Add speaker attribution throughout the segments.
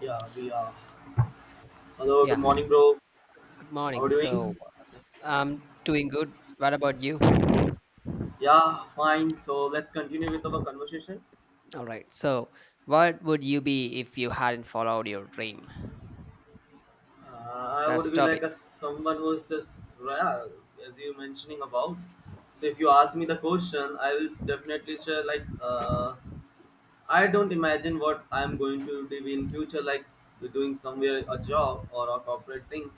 Speaker 1: Yeah, we are. Hello, good
Speaker 2: Yeah,
Speaker 1: morning, bro.
Speaker 2: good
Speaker 1: How are
Speaker 2: morning.
Speaker 1: you
Speaker 2: So
Speaker 1: doing?
Speaker 2: I'm doing good. What about you?
Speaker 1: Yeah, fine. So let's continue with our conversation.
Speaker 2: All right. So, what would you be if you hadn't followed your dream?
Speaker 1: Uh, I
Speaker 2: That's
Speaker 1: would
Speaker 2: the
Speaker 1: be like
Speaker 2: topic.
Speaker 1: a someone who's just yeah, as you mentioning about. So if you ask me the question, I will definitely share I don't imagine what I'm going to do in future, like doing somewhere a job or a corporate thing.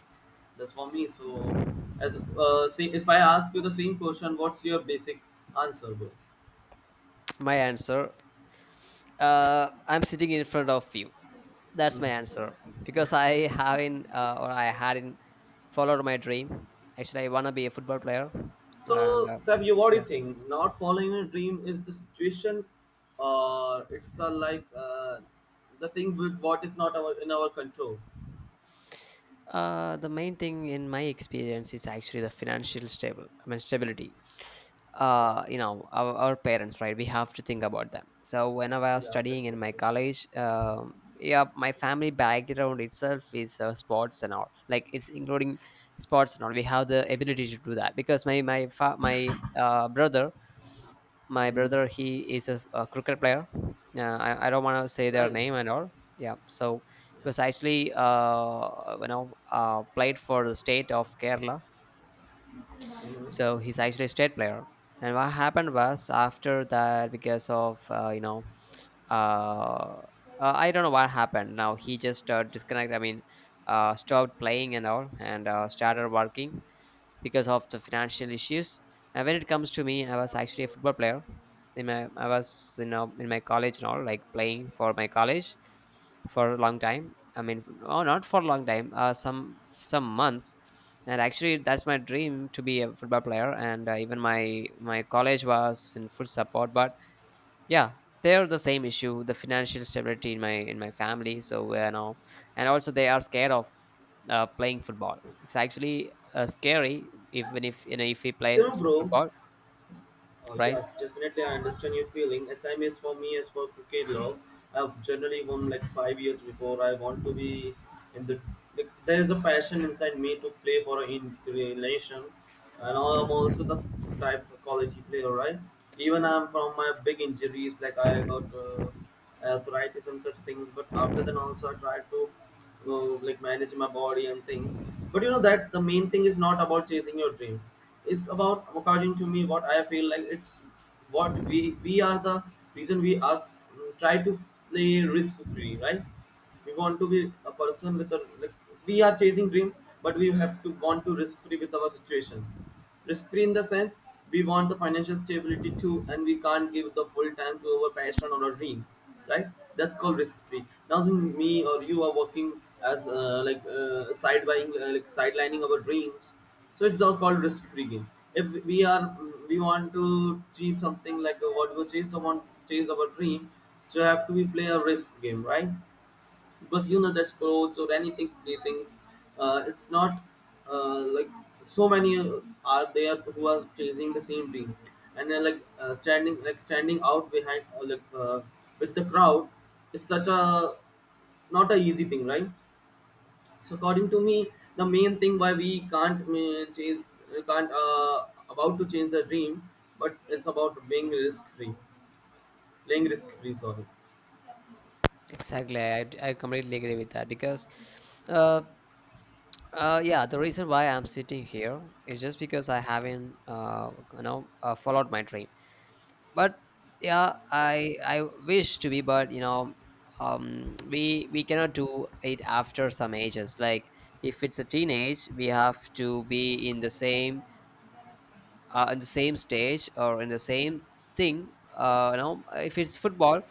Speaker 1: That's for me. So as say, if I ask you the same question, what's your basic answer, bro?
Speaker 2: My answer. I'm sitting in front of you. That's my answer because I haven't or I hadn't followed my dream. Actually, I wanna be a football player, and
Speaker 1: So, Sab, you what do
Speaker 2: yeah.
Speaker 1: you think? Not following your dream is the situation, or it's the thing with what is not our in our control.
Speaker 2: The main thing in my experience is actually the financial stable. I mean stability,
Speaker 1: Yeah,
Speaker 2: you know, our parents, right? We have to think about them. So when I was
Speaker 1: yeah,
Speaker 2: studying in my
Speaker 1: definitely.
Speaker 2: college, yeah, my family background itself is, sports and all, like it's including sports and all. We have the ability to do that because my brother, my
Speaker 1: Mm.
Speaker 2: brother, he is a cricket player. I don't want to say their name
Speaker 1: Nice.
Speaker 2: and all, yeah. So he
Speaker 1: Yeah.
Speaker 2: was actually you know, played for the state of Kerala, so
Speaker 1: Mhm.
Speaker 2: he's actually a state player. And what happened was, after that, because of, you know, uh, I don't know what happened. Now he just disconnected, I mean, stopped playing and all, and started working because of the financial issues. And when it comes to me, I was actually a football player. In my, I was, you know, in my college and all, like playing for my college for a long time. I mean, no, not for a long time. Some months. And actually, that's my dream, to be a football player. And even my my college was in full support. But yeah, they're the same issue: the financial stability in my family. So you know, and also they are scared of, playing football. It's actually scary, even if, you know, if he
Speaker 1: You know,
Speaker 2: plays
Speaker 1: bro.
Speaker 2: football, right?
Speaker 1: Yes, definitely. I understand your feeling. S. M. S. for me is for cricket love. I've generally won like five years before. I want to be in the. Like, there is a passion inside me to play for in relation, and I'm also the type of quality player, right? Even I'm from my big injuries, like I got arthritis and such things. But after then, also I tried to like manage my body and things, but you know that the main thing is not about chasing your dream. It's about, according to me, what I feel like. It's what we are the reason we are try to play risk free, right? We want to be a person with a like we are chasing dream, but we have to want to risk free with our situations. Risk-free in the sense we want the financial stability too, and we can't give the full time to our passion or our dream, right? That's called risk-free. Now, since me or you are working as side buying, sidelining our dreams, so it's all called risk-free game. If we want to achieve something like what we chase, someone chase our dream, so you have to be play a risk game, right? Because you know the scrolls or anything play things? It's not uh, like so many are there who are chasing the same dream, and then standing out behind with the crowd is such a not a easy thing, right? So according to me, the main thing why we can't chase, can't about to change the dream, but it's about being risk free, playing risk free, sorry.
Speaker 2: Exactly, I completely agree with that because, uh, yeah, the reason why I'm sitting here is just because I haven't, you know, followed my dream. But yeah, I wish to be, but you know, we cannot do it after some ages. Like if it's a teenage, we have to be in the same, in the same stage, or in the same thing, you know, if it's football,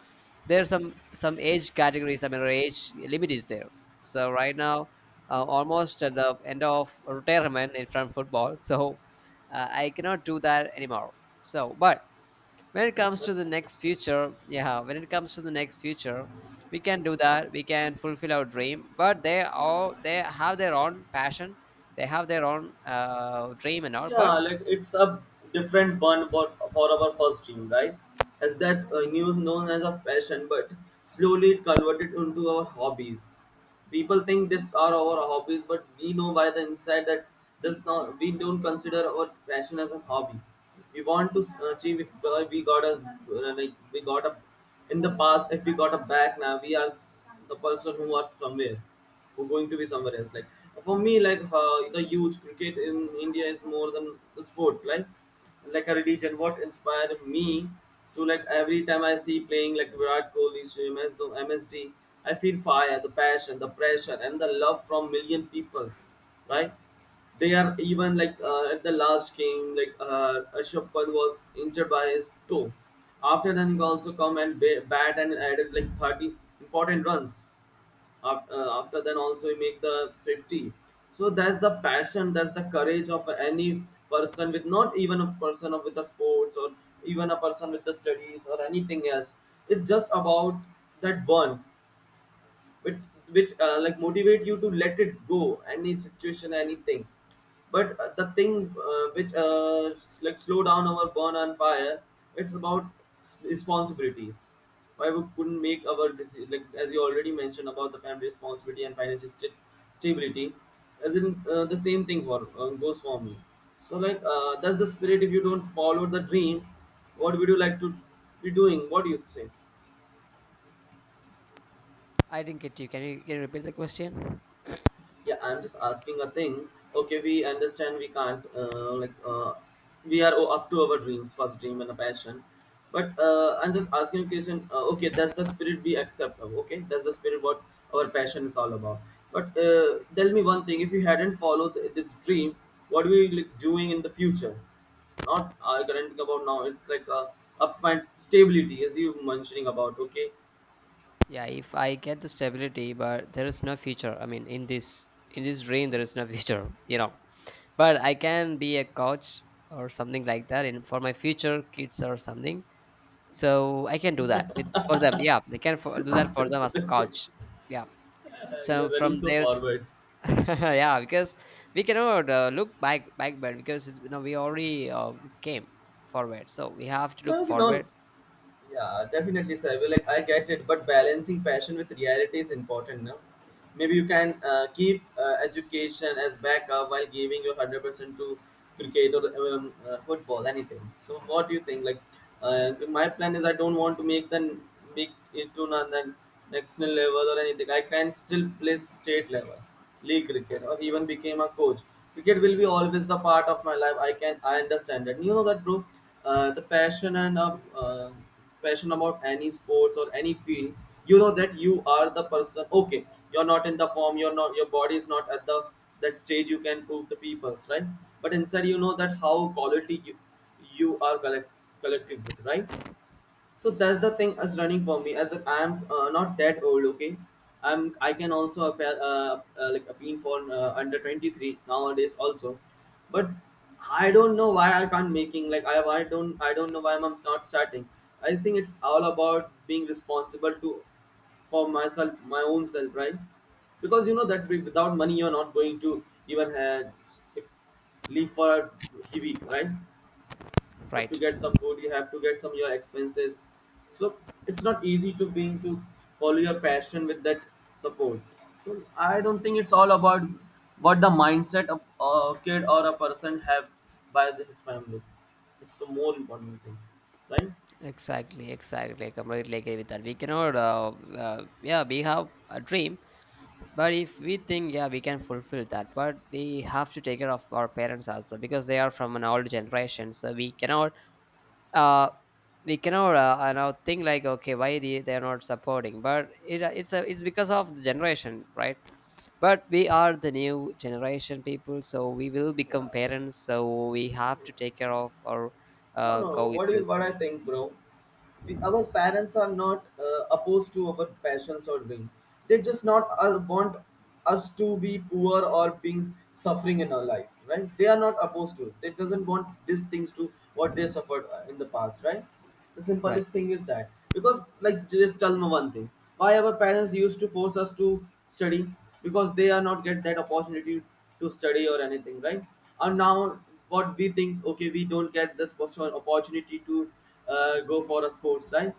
Speaker 2: there are some age categories, I mean, or age limit is there. So right now, almost at the end of retirement in from football. So I cannot do that anymore. So but, when it comes to the next future, yeah, when it comes to the next future, we can do that. We can fulfill our dream. But they all, they have their own passion. They have their own, dream and all, but,
Speaker 1: Yeah, like it's a different one for our first dream, right? As that new known as a passion, but slowly it converted into our hobbies. People think these are our hobbies, but we know by the inside that this not we don't consider our passion as a hobby. We want to achieve if we got a in the past, if we got a back, now we are the person who are somewhere, who going to be somewhere else. Like for me, the youth cricket in India is more than the sport, like a religion. What inspired me to like every time I see playing like Virat Kohli, MS the MSD, feel fire, the passion, the pressure and the love from million peoples, right? They are even like at the last game, like Rishabh Pant was injured by his toe. After then, he also come and bat and added like 30 important runs. After, after then, also he make the 50. So that's the passion, that's the courage of any person, with not even a person of with the sports or even a person with the studies or anything else. It's just about that burn which motivate you to let it go any situation, anything. But the thing which s- like slow down our burn on fire, it's about responsibilities. Why we couldn't make our like as you already mentioned, about the family responsibility and financial stability, as in the same thing for goes for me. So like that's the spirit. If you don't follow the dream, what would you like to be doing, what do you say?
Speaker 2: I didn't get you. Can you, can you repeat the question?
Speaker 1: Yeah, I'm just asking a thing. Okay, we understand we can't we are up to our dreams, first dream and a passion. But I'm just asking a question. Okay, that's the spirit we accept. Of, okay, that's the spirit what our passion is all about. But tell me one thing: if you hadn't followed this dream, what were you like, doing in the future? Not currently about now. It's like upfront stability, as you mentioning about. Okay,
Speaker 2: Yeah, if I get the stability, but there is no future. I mean, in this dream, there is no future. You know, but I can be a coach or something like that, and for my future kids or something. So I can do that with, for them. Yeah, they can for, do that for them as
Speaker 1: it's
Speaker 2: a
Speaker 1: okay.
Speaker 2: coach. Yeah.
Speaker 1: You're
Speaker 2: So from
Speaker 1: running so
Speaker 2: their
Speaker 1: forward.
Speaker 2: yeah, because we cannot, look back backward, because you know we already, came forward, so we have to
Speaker 1: No,
Speaker 2: look
Speaker 1: okay, no.
Speaker 2: forward,
Speaker 1: Yeah, definitely, sir. Well, like I get it, but balancing passion with reality is important. No, maybe you can keep education as backup while giving your 100% to cricket or football, anything. So, what do you think? Like, my plan is I don't want to make the make take it to national level or anything. I can still play state level, league cricket, or even became a coach. Cricket will be always the part of my life. I can I understand that. You know that, bro. The passion and passion about any sports or any field. You know that you are the person. Okay, you're not in the form. You're not. Your body is not at the that stage. You can prove the people's right. But inside, you know that how quality you are collect, collecting with, right? So that's the thing as running for me, as I am not that old. Okay, I'm I can also appeal, appeal for under 23 nowadays also, but I don't know why I can't making like I don't I don't know why I'm not starting. I think it's all about being responsible to for myself, my own self, right? Because you know that without money, you're not going to even have live for a week, right? Have to
Speaker 2: right?
Speaker 1: get some food, you have to get some your expenses. So it's not easy to being to follow your passion with that support. So I don't think it's all about what the mindset of a kid or a person have by his family. It's the more important thing, right?
Speaker 2: Exactly, exactly. I completely agree with that. We cannot, yeah, we have a dream, but if we think, yeah, we can fulfill that, but we have to take care of our parents as well, because they are from an old generation. So we cannot, uh we cannot now think like, okay, why they are not supporting. But it, it's because of the generation, right? But we are the new generation people, so we will become parents, so we have to take care of, or
Speaker 1: No, no, no.
Speaker 2: go with
Speaker 1: What do you,
Speaker 2: the,
Speaker 1: what I think, bro, we, our parents are not opposed to our passions or dream. They just not want us to be poor or being suffering in our life, right? They are not opposed to it. They doesn't want these things to what they suffered in the past, right? The
Speaker 2: right.
Speaker 1: simplest thing is that, because like just tell me one thing. Why our parents used to force us to study? Because they are not get that opportunity to study or anything, right? And now what we think, okay, we don't get this opportunity to go for a sports, right?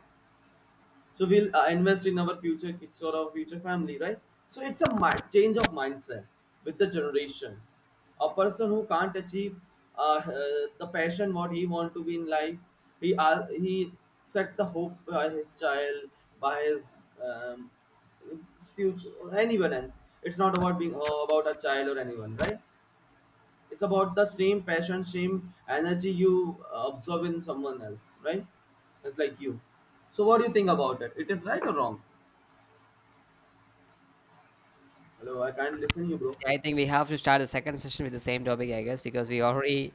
Speaker 1: So we'll invest in our future kids or our future family, right? So it's a change of mindset with the generation. A person who can't achieve the passion what he want to be in life, he set the hope by his child, by his um, future or anyone else. It's not about being about a child or anyone, right? It's about the same passion, same energy you observe in someone else, right? It's like you. So what do you think about it? It is right or wrong? Hello, I can't listen you, bro.
Speaker 2: I think we have to start the second session with the same topic, I guess, because we already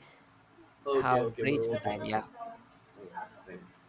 Speaker 1: Okay,
Speaker 2: have
Speaker 1: okay,
Speaker 2: reached
Speaker 1: bro,
Speaker 2: the
Speaker 1: okay,
Speaker 2: time.
Speaker 1: okay, okay.
Speaker 2: Yeah.
Speaker 1: Thank you.